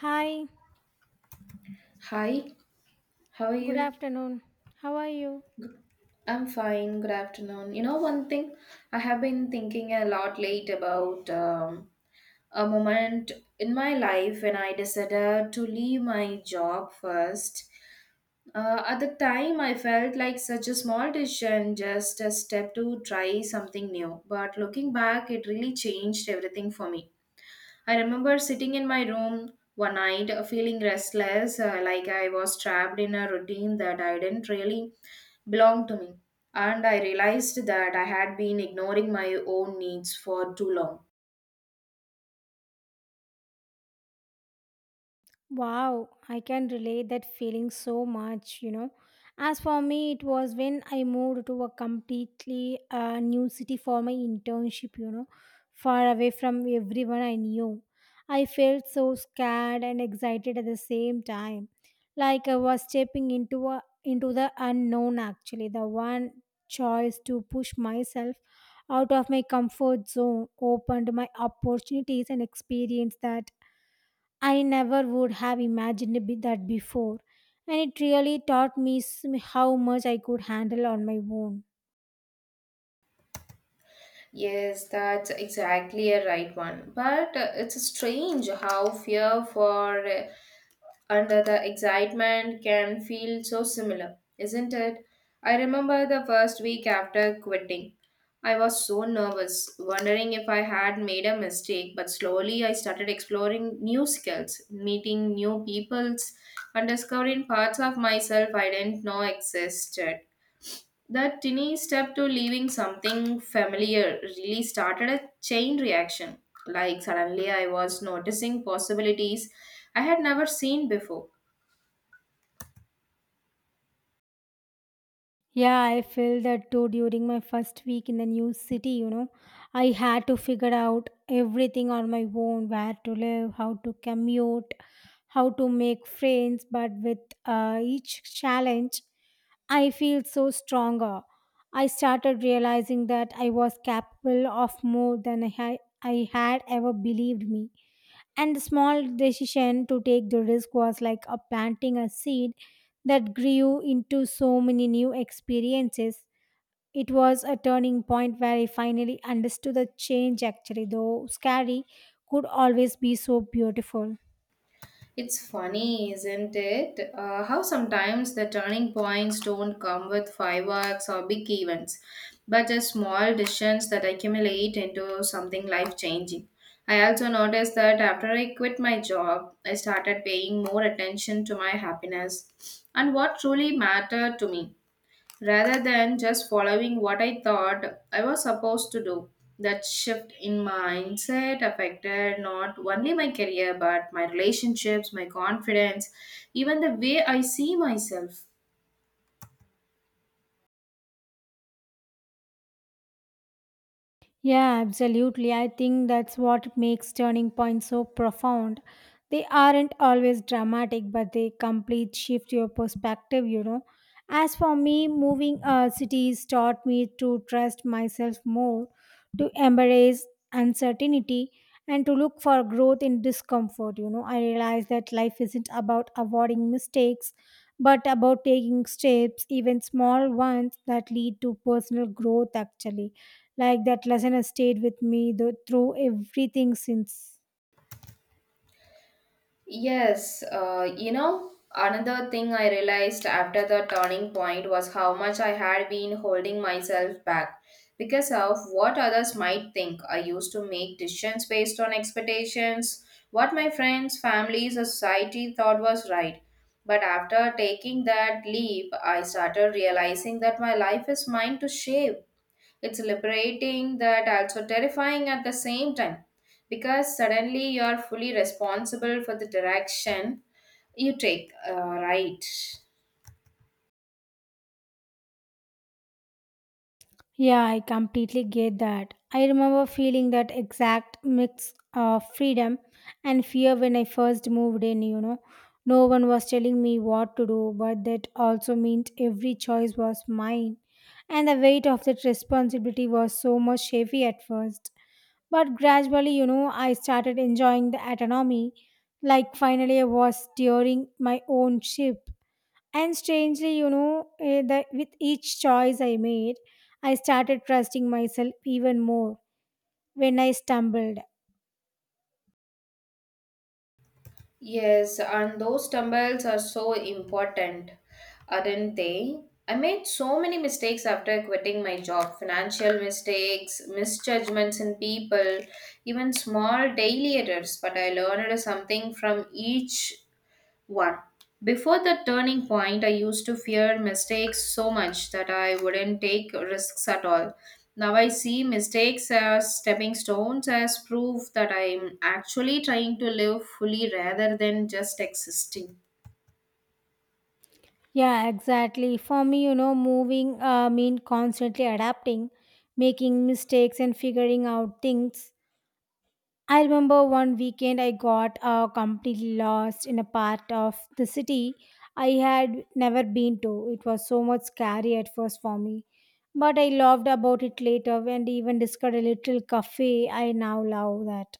Hi, Hi, how are good you? afternoon. How are you? I'm fine. Good afternoon. You know, one thing I have been thinking a lot late about a moment in my life when I decided to leave my job first. At the time, I felt like such a small decision, just a step to try something new. But looking back, it really changed everything for me. I remember sitting in my room one night feeling restless, like I was trapped in a routine that I didn't really belong to me. And I realized that I had been ignoring my own needs for too long. Wow, I can relate that feeling so much, you know. As for me, it was when I moved to a completely new city for my internship, you know, far away from everyone I knew. I felt so scared and excited at the same time, like I was stepping into the unknown actually, the one choice to push myself out of my comfort zone opened my opportunities and experience that I never would have imagined that before, and it really taught me how much I could handle on my own. Yes, that's exactly a right one. But it's strange how fear for under the excitement can feel so similar, isn't it? I remember the first week after quitting. I was so nervous, wondering if I had made a mistake, but slowly I started exploring new skills, meeting new peoples, and discovering parts of myself I didn't know existed. That tiny step to leaving something familiar really started a chain reaction. Like suddenly I was noticing possibilities I had never seen before. Yeah, I felt that too during my first week in the new city, you know. I had to figure out everything on my own, where to live, how to commute, how to make friends, but with each challenge, I feel so stronger. I started realizing that I was capable of more than I had ever believed me. And the small decision to take the risk was like a planting a seed that grew into so many new experiences. It was a turning point where I finally understood the change, actually, though scary, could always be so beautiful. It's funny, isn't it? How sometimes the turning points don't come with fireworks or big events, but just small decisions that accumulate into something life changing. I also noticed that after I quit my job, I started paying more attention to my happiness and what truly mattered to me rather than just following what I thought I was supposed to do. That shift in mindset affected not only my career but my relationships, my confidence, even the way I see myself. Yeah, absolutely. I think that's what makes turning points so profound. They aren't always dramatic, but they complete shift your perspective, you know. As for me, moving cities taught me to trust myself more, to embrace uncertainty, and to look for growth in discomfort. You know, I realized that life isn't about avoiding mistakes, but about taking steps, even small ones, that lead to personal growth, actually. Like that lesson has stayed with me though, through everything since. Yes, you know, another thing I realized after the turning point was how much I had been holding myself back because of what others might think. I used to make decisions based on expectations, what my friends, families, or society thought was right. But after taking that leap, I started realizing that my life is mine to shape. It's liberating that also terrifying at the same time because suddenly you're fully responsible for the direction you take, right? Yeah, I completely get that. I remember feeling that exact mix of freedom and fear when I first moved in, you know. No one was telling me what to do, but that also meant every choice was mine. And the weight of that responsibility was so much heavy at first. But gradually, you know, I started enjoying the autonomy. Like finally, I was steering my own ship. And strangely, you know, that with each choice I made, I started trusting myself even more when I stumbled. Yes, and those stumbles are so important, aren't they? I made so many mistakes after quitting my job, financial mistakes, misjudgments in people, even small daily errors, but I learned something from each one. Before the turning point, I used to fear mistakes so much that I wouldn't take risks at all. Now I see mistakes as stepping stones, as proof that I'm actually trying to live fully rather than just existing. Yeah, exactly. For me, you know, moving mean constantly adapting, making mistakes and figuring out things. I remember one weekend I got completely lost in a part of the city I had never been to. It was so much scary at first for me, but I loved about it later and even discovered a little cafe I now love that.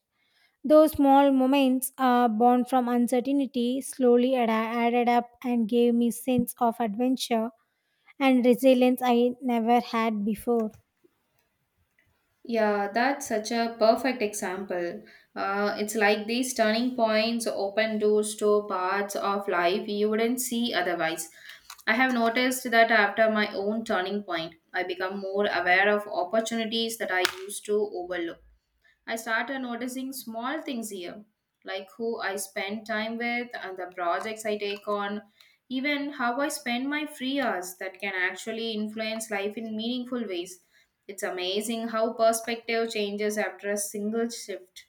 Those small moments born from uncertainty slowly added up and gave me sense of adventure and resilience I never had before. Yeah, that's such a perfect example. It's like these turning points open doors to parts of life you wouldn't see otherwise. I have noticed that after my own turning point, I become more aware of opportunities that I used to overlook. I started noticing small things here, like who I spend time with and the projects I take on, even how I spend my free hours that can actually influence life in meaningful ways. It's amazing how perspective changes after a single shift.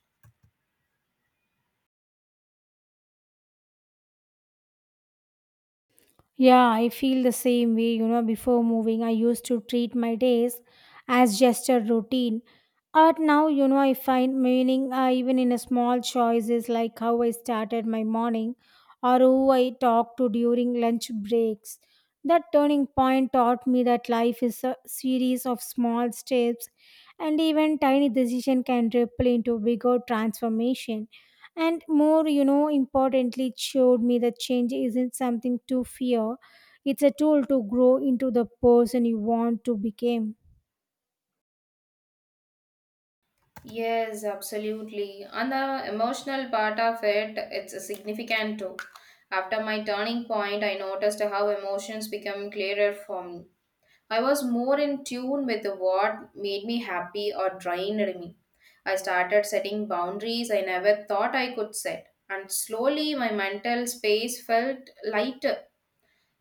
Yeah, I feel the same way. You know, before moving, I used to treat my days as just a routine. But now, you know, I find meaning even in a small choices like how I started my morning or who I talked to during lunch breaks. That turning point taught me that life is a series of small steps, and even tiny decision can ripple into bigger transformation. And more, you know, importantly, it showed me that change isn't something to fear, it's a tool to grow into the person you want to become. Yes, absolutely. And the emotional part of it, it's significant too. After my turning point, I noticed how emotions become clearer for me. I was more in tune with what made me happy or drained me. I started setting boundaries I never thought I could set, and slowly my mental space felt lighter.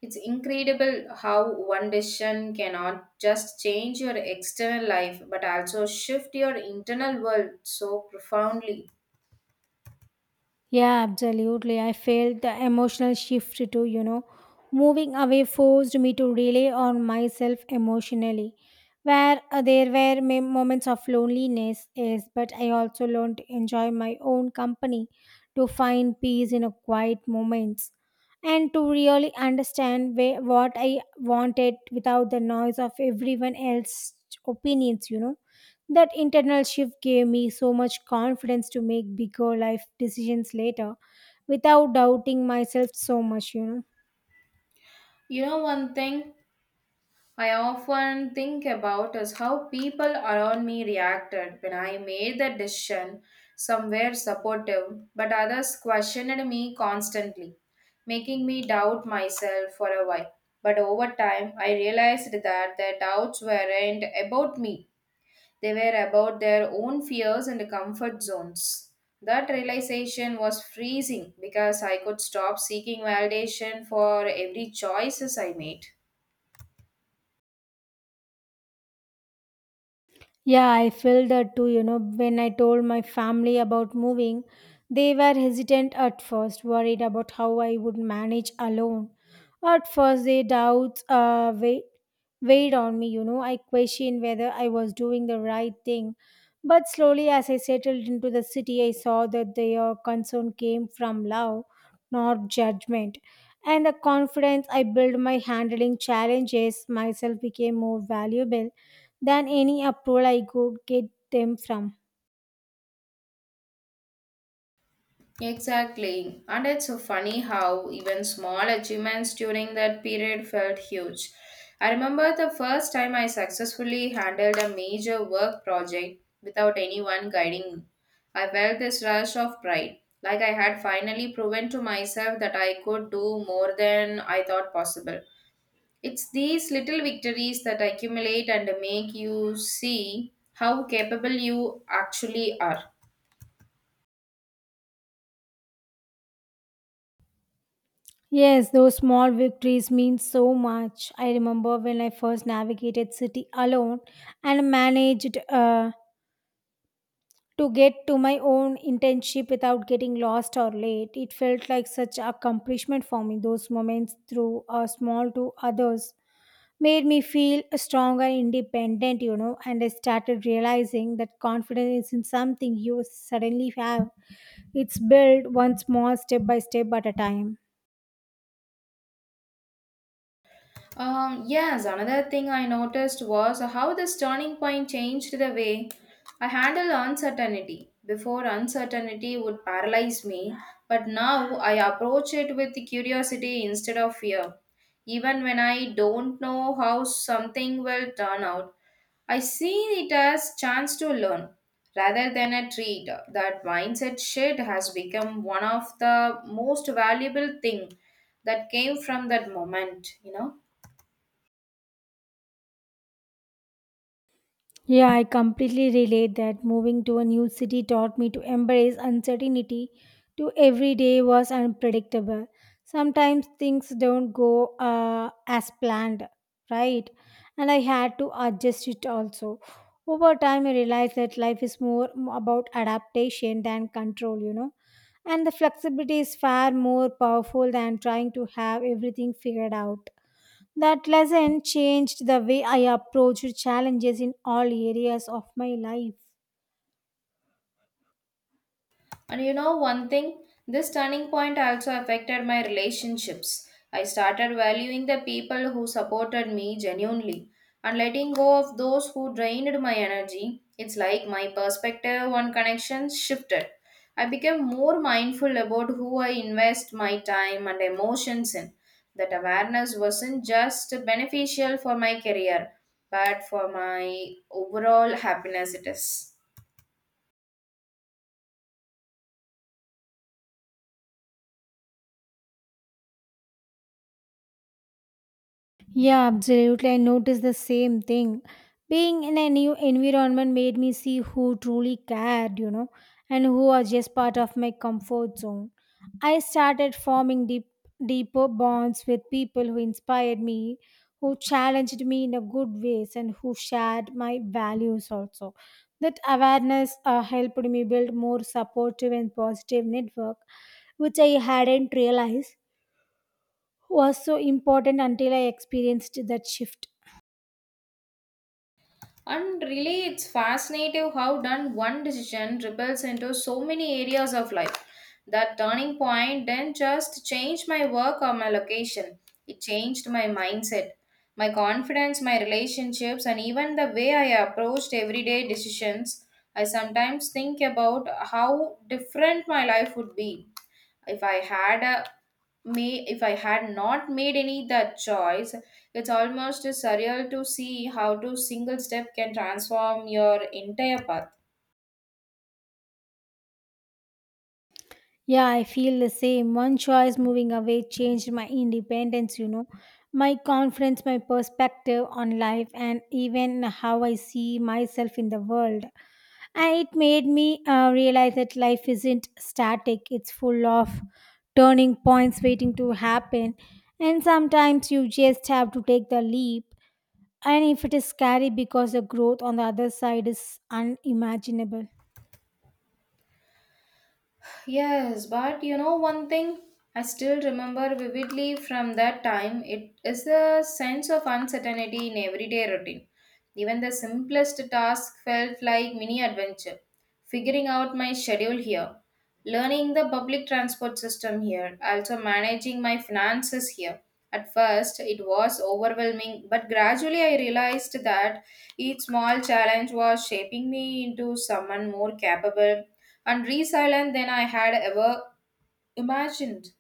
It's incredible how one decision cannot just change your external life but also shift your internal world so profoundly. Yeah, absolutely. I felt the emotional shift too, you know. Moving away forced me to rely on myself emotionally. Where there were moments of loneliness, yes, but I also learned to enjoy my own company, to find peace in a quiet moments, and to really understand where, what I wanted without the noise of everyone else's opinions, you know. That internal shift gave me so much confidence to make bigger life decisions later without doubting myself so much, you know. You know, one thing I often think about is how people around me reacted when I made the decision. Some were supportive, but others questioned me constantly, making me doubt myself for a while. But over time, I realized that their doubts weren't about me, they were about their own fears and comfort zones. That realization was freezing because I could stop seeking validation for every choices I made. Yeah, I feel that too. You know, when I told my family about moving, they were hesitant at first, worried about how I would manage alone. At first, their doubts weighed on me. You know, I questioned whether I was doing the right thing. But slowly, as I settled into the city, I saw that their concern came from love, not judgment. And the confidence I built my handling challenges myself became more valuable than any approval I could get them from. Exactly. And it's so funny how even small achievements during that period felt huge. I remember the first time I successfully handled a major work project without anyone guiding me. I felt this rush of pride, like I had finally proven to myself that I could do more than I thought possible. It's these little victories that accumulate and make you see how capable you actually are. Yes, those small victories mean so much. I remember when I first navigated city alone and managed to get to my own internship without getting lost or late. It felt like such accomplishment for me. Those moments through are small to others, made me feel strong and independent, you know. And I started realizing that confidence isn't something you suddenly have, it's built one small step by step at a time. Yes, another thing I noticed was how this turning point changed the way I handle uncertainty. Before, uncertainty would paralyze me, but now I approach it with curiosity instead of fear. Even when I don't know how something will turn out, I see it as chance to learn rather than a treat. That mindset shift has become one of the most valuable thing that came from that moment, you know. Yeah, I completely relate that moving to a new city taught me to embrace uncertainty to every day was unpredictable. Sometimes things don't go as planned, right? And I had to adjust it also. Over time, I realized that life is more about adaptation than control, you know. And the flexibility is far more powerful than trying to have everything figured out. That lesson changed the way I approached challenges in all areas of my life. And you know one thing, this turning point also affected my relationships. I started valuing the people who supported me genuinely and letting go of those who drained my energy. It's like my perspective on connections shifted. I became more mindful about who I invest my time and emotions in. That awareness wasn't just beneficial for my career, but for my overall happiness, it is. Yeah, absolutely. I noticed the same thing. Being in a new environment made me see who truly cared, you know, and who was just part of my comfort zone. I started forming deeper bonds with people who inspired me, who challenged me in a good ways, and who shared my values also. That awareness helped me build more supportive and positive network, which I hadn't realized was so important until I experienced that shift. And really, it's fascinating how done one decision ripples into so many areas of life. That turning point didn't just change my work or my location, it changed my mindset, my confidence, my relationships, and even the way I approached everyday decisions. I sometimes think about how different my life would be if I had a may if I had not made any that choice. It's almost surreal to see how to single step can transform your entire path. Yeah, I feel the same. One choice, moving away, changed my independence, you know, my confidence, my perspective on life, and even how I see myself in the world. And it made me realize that life isn't static, it's full of turning points waiting to happen. And sometimes you just have to take the leap. And if it is scary, because the growth on the other side is unimaginable. Yes, but you know one thing I still remember vividly from that time it is the sense of uncertainty in everyday routine. Even the simplest task felt like mini adventure. Figuring out my schedule here, learning the public transport system here, also managing my finances here. At first, it was overwhelming, but gradually I realized that each small challenge was shaping me into someone more capable and resilient than I had ever imagined.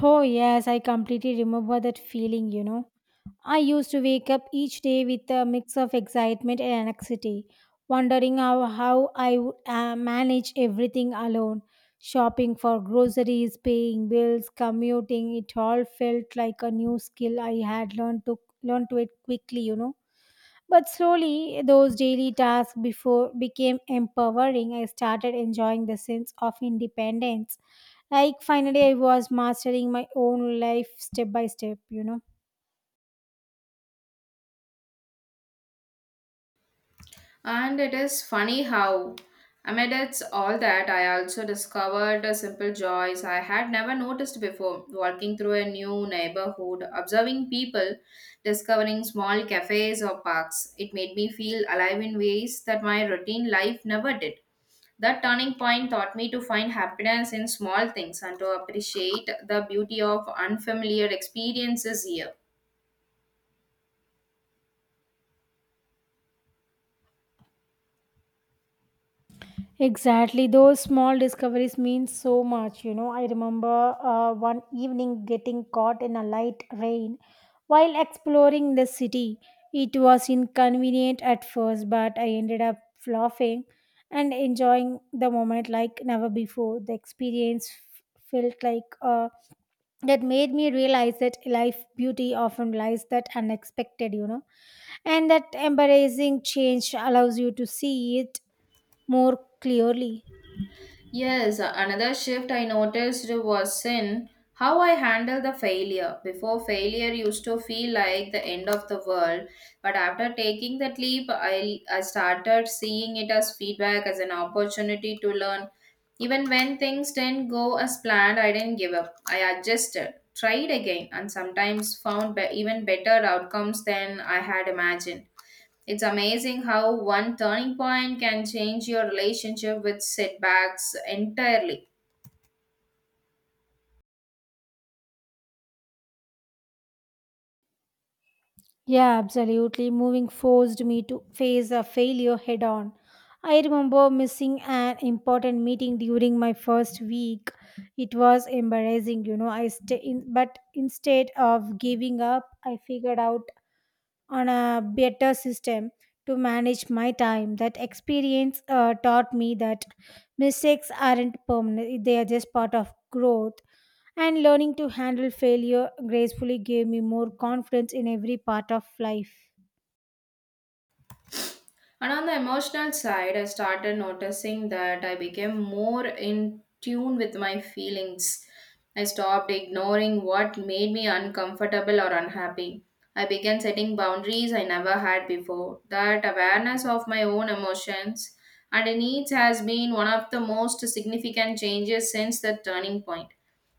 Oh, yes, I completely remember that feeling, you know. I used to wake up each day with a mix of excitement and anxiety, wondering how I would manage everything alone, shopping for groceries, paying bills, commuting. It all felt like a new skill I had learn to it quickly, you know. But slowly, those daily tasks before became empowering. I started enjoying the sense of independence. Like finally, I was mastering my own life step by step, you know. And it is funny how, amidst all that, I also discovered the simple joys I had never noticed before. Walking through a new neighborhood, observing people, discovering small cafes or parks, it made me feel alive in ways that my routine life never did. That turning point taught me to find happiness in small things and to appreciate the beauty of unfamiliar experiences here. Exactly. Those small discoveries mean so much. You know, I remember one evening getting caught in a light rain while exploring the city. It was inconvenient at first, but I ended up laughing and enjoying the moment like never before. The experience f- felt like that made me realize that life beauty often lies that unexpected, you know, and that embarrassing change allows you to see it more clearly. Yes, another shift I noticed was in how I handle the failure. Before failure used to feel like the end of the world, but after taking that leap, I started seeing it as feedback, as an opportunity to learn. Even when things didn't go as planned, I didn't give up. I adjusted, tried again, and sometimes found even better outcomes than I had imagined. It's amazing how one turning point can change your relationship with setbacks entirely. Yeah, absolutely. Moving forced me to face a failure head on. I remember missing an important meeting during my first week. It was embarrassing, you know. I stay in, but instead of giving up, I figured out on a better system to manage my time. That experience taught me that mistakes aren't permanent; they are just part of growth. And learning to handle failure gracefully gave me more confidence in every part of life. And on the emotional side, I started noticing that I became more in tune with my feelings. I stopped ignoring what made me uncomfortable or unhappy. I began setting boundaries I never had before. That awareness of my own emotions and needs has been one of the most significant changes since the turning point.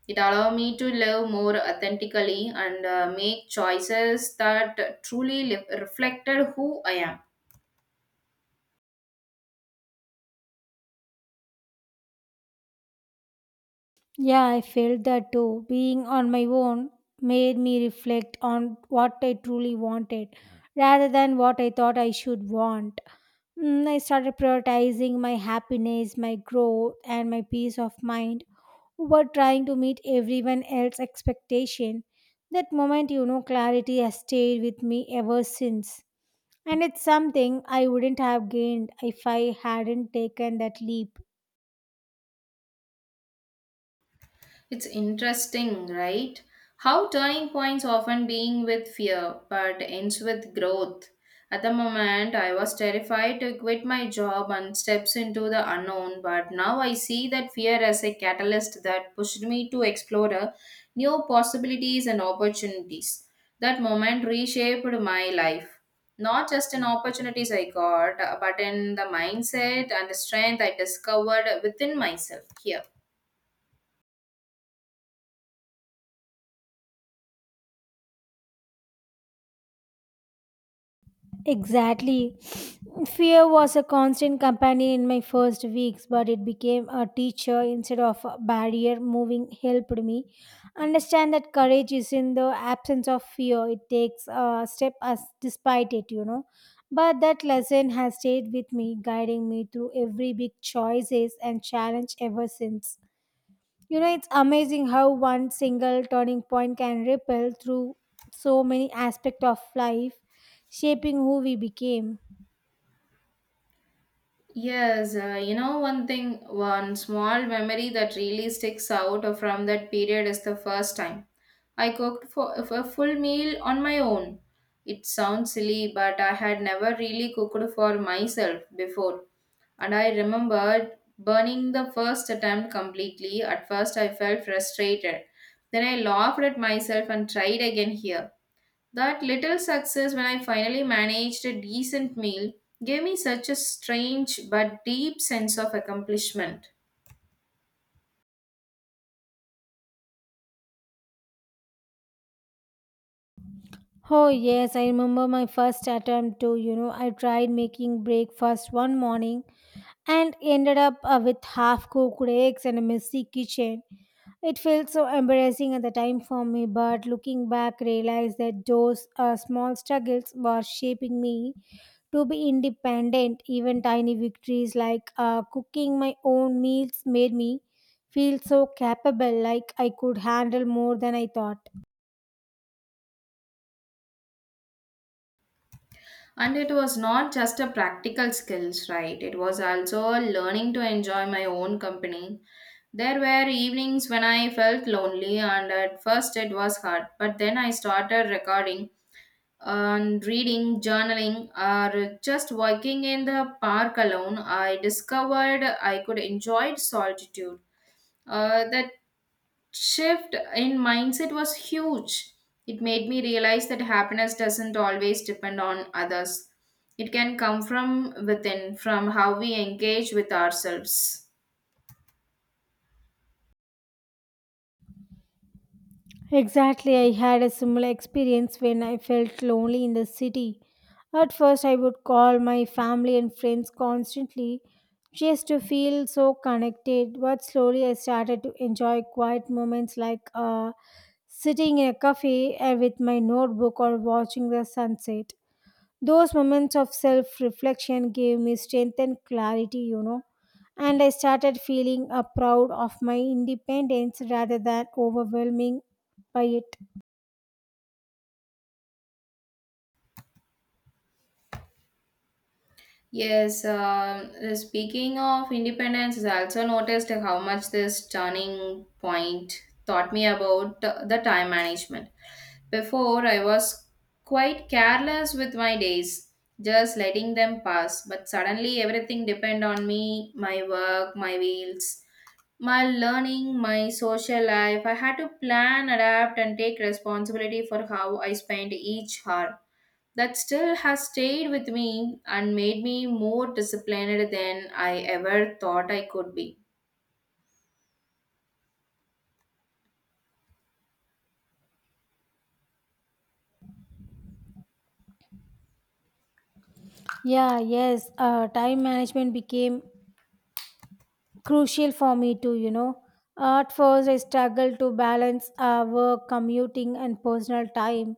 It allowed me to live more authentically and make choices that truly reflected who I am. Yeah, I felt that too. Being on my own made me reflect on what I truly wanted rather than what I thought I should want. I started prioritizing my happiness, my growth, and my peace of mind over trying to meet everyone else's expectation. That moment, you know, clarity has stayed with me ever since. And it's something I wouldn't have gained if I hadn't taken that leap. It's interesting, right? How turning points often being with fear but ends with growth. At the moment, I was terrified to quit my job and steps into the unknown, but now I see that fear as a catalyst that pushed me to explore new possibilities and opportunities. That moment reshaped my life. Not just in opportunities I got, but in the mindset and the strength I discovered within myself here. Exactly. Fear was a constant companion in my first weeks, but it became a teacher instead of a barrier. Moving helped me understand that courage is in the absence of fear. It takes a step as despite it, you know. But that lesson has stayed with me, guiding me through every big choices and challenge ever since. You know, it's amazing how one single turning point can ripple through so many aspects of life, shaping who we became. Yes, you know, one thing, one small memory that really sticks out from that period is the first time I cooked for a full meal on my own. It sounds silly, but I had never really cooked for myself before. And I remembered burning the first attempt completely. At first, I felt frustrated. Then I laughed at myself and tried again here. That little success when I finally managed a decent meal gave me such a strange but deep sense of accomplishment. Oh, yes, I remember my first attempt too. You know, I tried making breakfast one morning and ended up with half cooked eggs and a messy kitchen. It felt so embarrassing at the time for me, but looking back, realized that those small struggles were shaping me to be independent. Even tiny victories like cooking my own meals made me feel so capable, like I could handle more than I thought. And it was not just a practical skills, right? It was also a learning to enjoy my own company. There were evenings when I felt lonely, and at first it was hard, but then I started recording and reading, journaling, or just walking in the park alone. I discovered I could enjoy solitude. That shift in mindset was huge. It made me realize that happiness doesn't always depend on others. It can come from within, from how we engage with ourselves. Exactly, I had a similar experience when I felt lonely in the city. At first I would call my family and friends constantly just to feel so connected, but slowly I started to enjoy quiet moments like sitting in a cafe with my notebook or watching the sunset. Those moments of self reflection gave me strength and clarity, you know, and I started feeling proud of my independence rather than overwhelming by it. Yes, speaking of independence, I also noticed how much this turning point taught me about the time management. Before, I was quite careless with my days, just letting them pass. But suddenly, everything depend on me my work, my wheels, my learning, my social life. I had to plan, adapt, and take responsibility for how I spent each hour. That still has stayed with me and made me more disciplined than I ever thought I could be. Yeah, yes, time management became crucial for me too, you know. At first, I struggled to balance work, commuting, and personal time.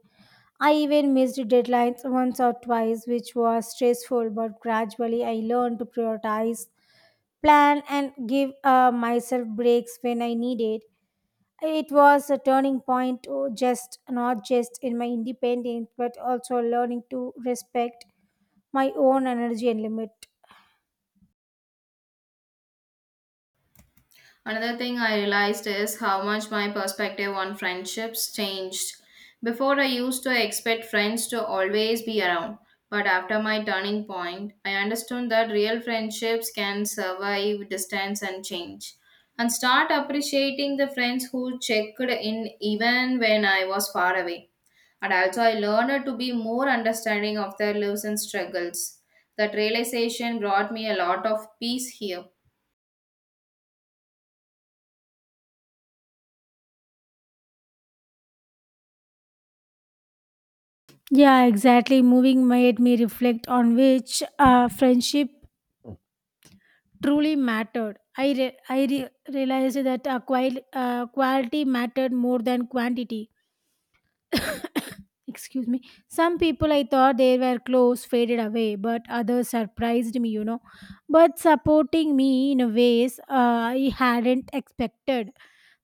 I even missed deadlines once or twice, which was stressful, but gradually I learned to prioritize, plan, and give myself breaks when I needed. It was a turning point, oh, just not just in my independence, but also learning to respect my own energy and limit. Another thing I realized is how much my perspective on friendships changed. Before, I used to expect friends to always be around, but after my turning point, I understood that real friendships can survive distance and change. And start appreciating the friends who checked in even when I was far away. And also, I learned to be more understanding of their lives and struggles. That realization brought me a lot of peace here. Yeah, exactly. Moving made me reflect on which friendship truly mattered. Realized that quality mattered more than quantity. Excuse me. Some people I thought they were close faded away, but others surprised me, you know, but supporting me in a ways I hadn't expected.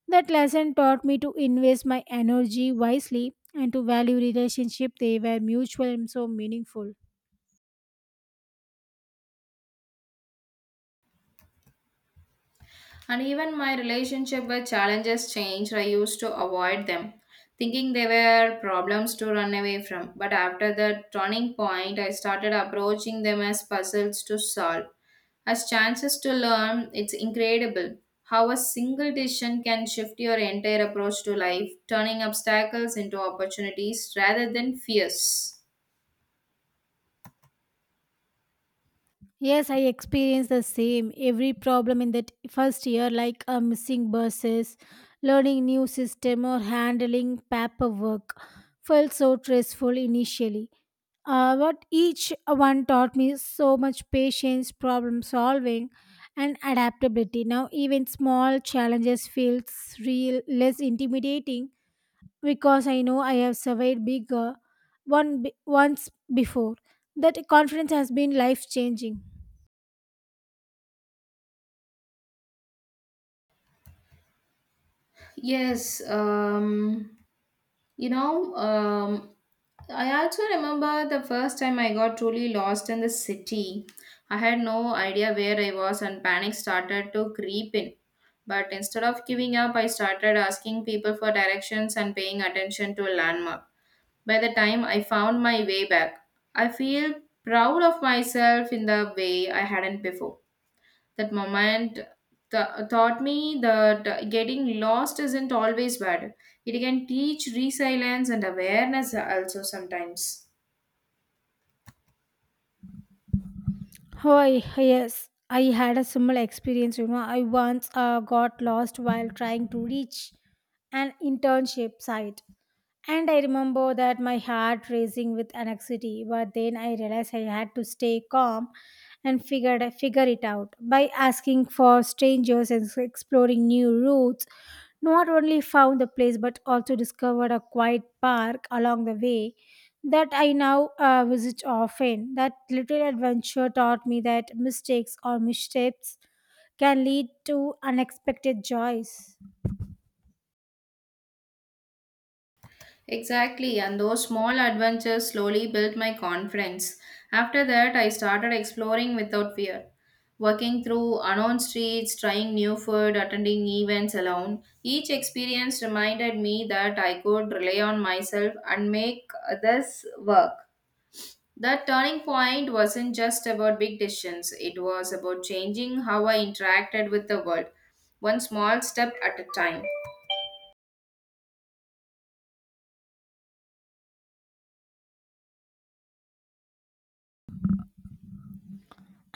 That lesson taught me to invest my energy wisely and to value relationship they were mutual and so meaningful. And even my relationship with challenges changed. I used to avoid them, thinking they were problems to run away from. But after the turning point, I started approaching them as puzzles to solve, as chances to learn. It's incredible how a single decision can shift your entire approach to life, turning obstacles into opportunities rather than fears. Yes, I experienced the same. Every problem in that first year, like missing buses, learning new system, or handling paperwork, felt so stressful initially. But each one taught me so much patience, problem solving, and adaptability. Now, even small challenges feels real, less intimidating because I know I have survived bigger once before. That confidence has been life changing. Yes, um, You know, I also remember the first time I got truly lost in the city. I had no idea where I was, and panic started to creep in. But instead of giving up, I started asking people for directions and paying attention to a landmark. By the time I found my way back, I feel proud of myself in the way I hadn't before. That moment taught me that getting lost isn't always bad. It can teach resilience and awareness also sometimes. Oh, I- yes. I had a similar experience. You know, I once got lost while trying to reach an internship site. And I remember that my heart racing with anxiety, but then I realized I had to stay calm and figure it out by asking for strangers and exploring new routes. Not only found the place but also discovered a quiet park along the way that I now visit often. That little adventure taught me that mistakes or missteps can lead to unexpected joys. Exactly, and those small adventures slowly built my confidence. After that, I started exploring without fear. Walking through unknown streets, trying new food, attending events alone, each experience reminded me that I could rely on myself and make this work. That turning point wasn't just about big decisions, it was about changing how I interacted with the world, one small step at a time.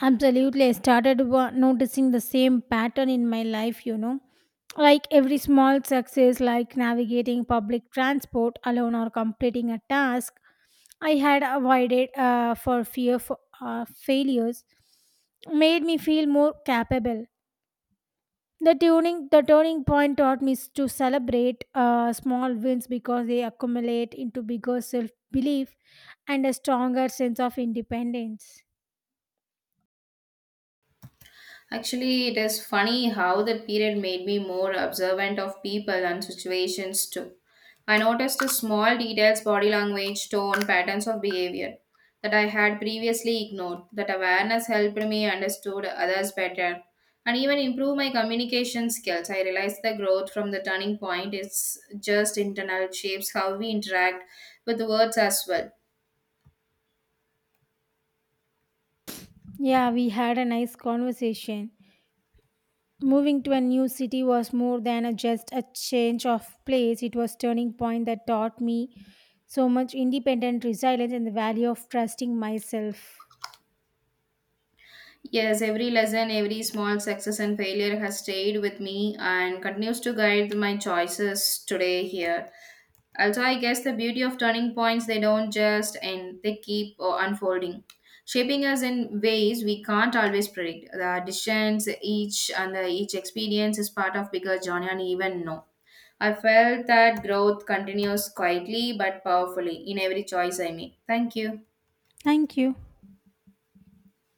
Absolutely, I started noticing the same pattern in my life, you know. Like every small success, like navigating public transport alone or completing a task, I had avoided for fear of failures, made me feel more capable. The turning point taught me to celebrate small wins because they accumulate into bigger self belief and a stronger sense of independence. Actually, it is funny how that period made me more observant of people and situations too. I noticed the small details, body language, tone, patterns of behavior that I had previously ignored. That awareness helped me understood others better and even improve my communication skills. I realized the growth from the turning point is just internal it shapes how we interact with words as well. Yeah, we had a nice conversation. Moving to a new city was more than just a change of place. It was turning point that taught me so much independent resilience and the value of trusting myself. Yes, every lesson, every small success and failure has stayed with me and continues to guide my choices today here. Also, I guess the beauty of turning points, they don't just end, they keep unfolding, shaping us in ways we can't always predict. The decisions each and the, each experience is part of bigger journey and even know. I felt that growth continues quietly but powerfully in every choice I make. Thank you. Thank you.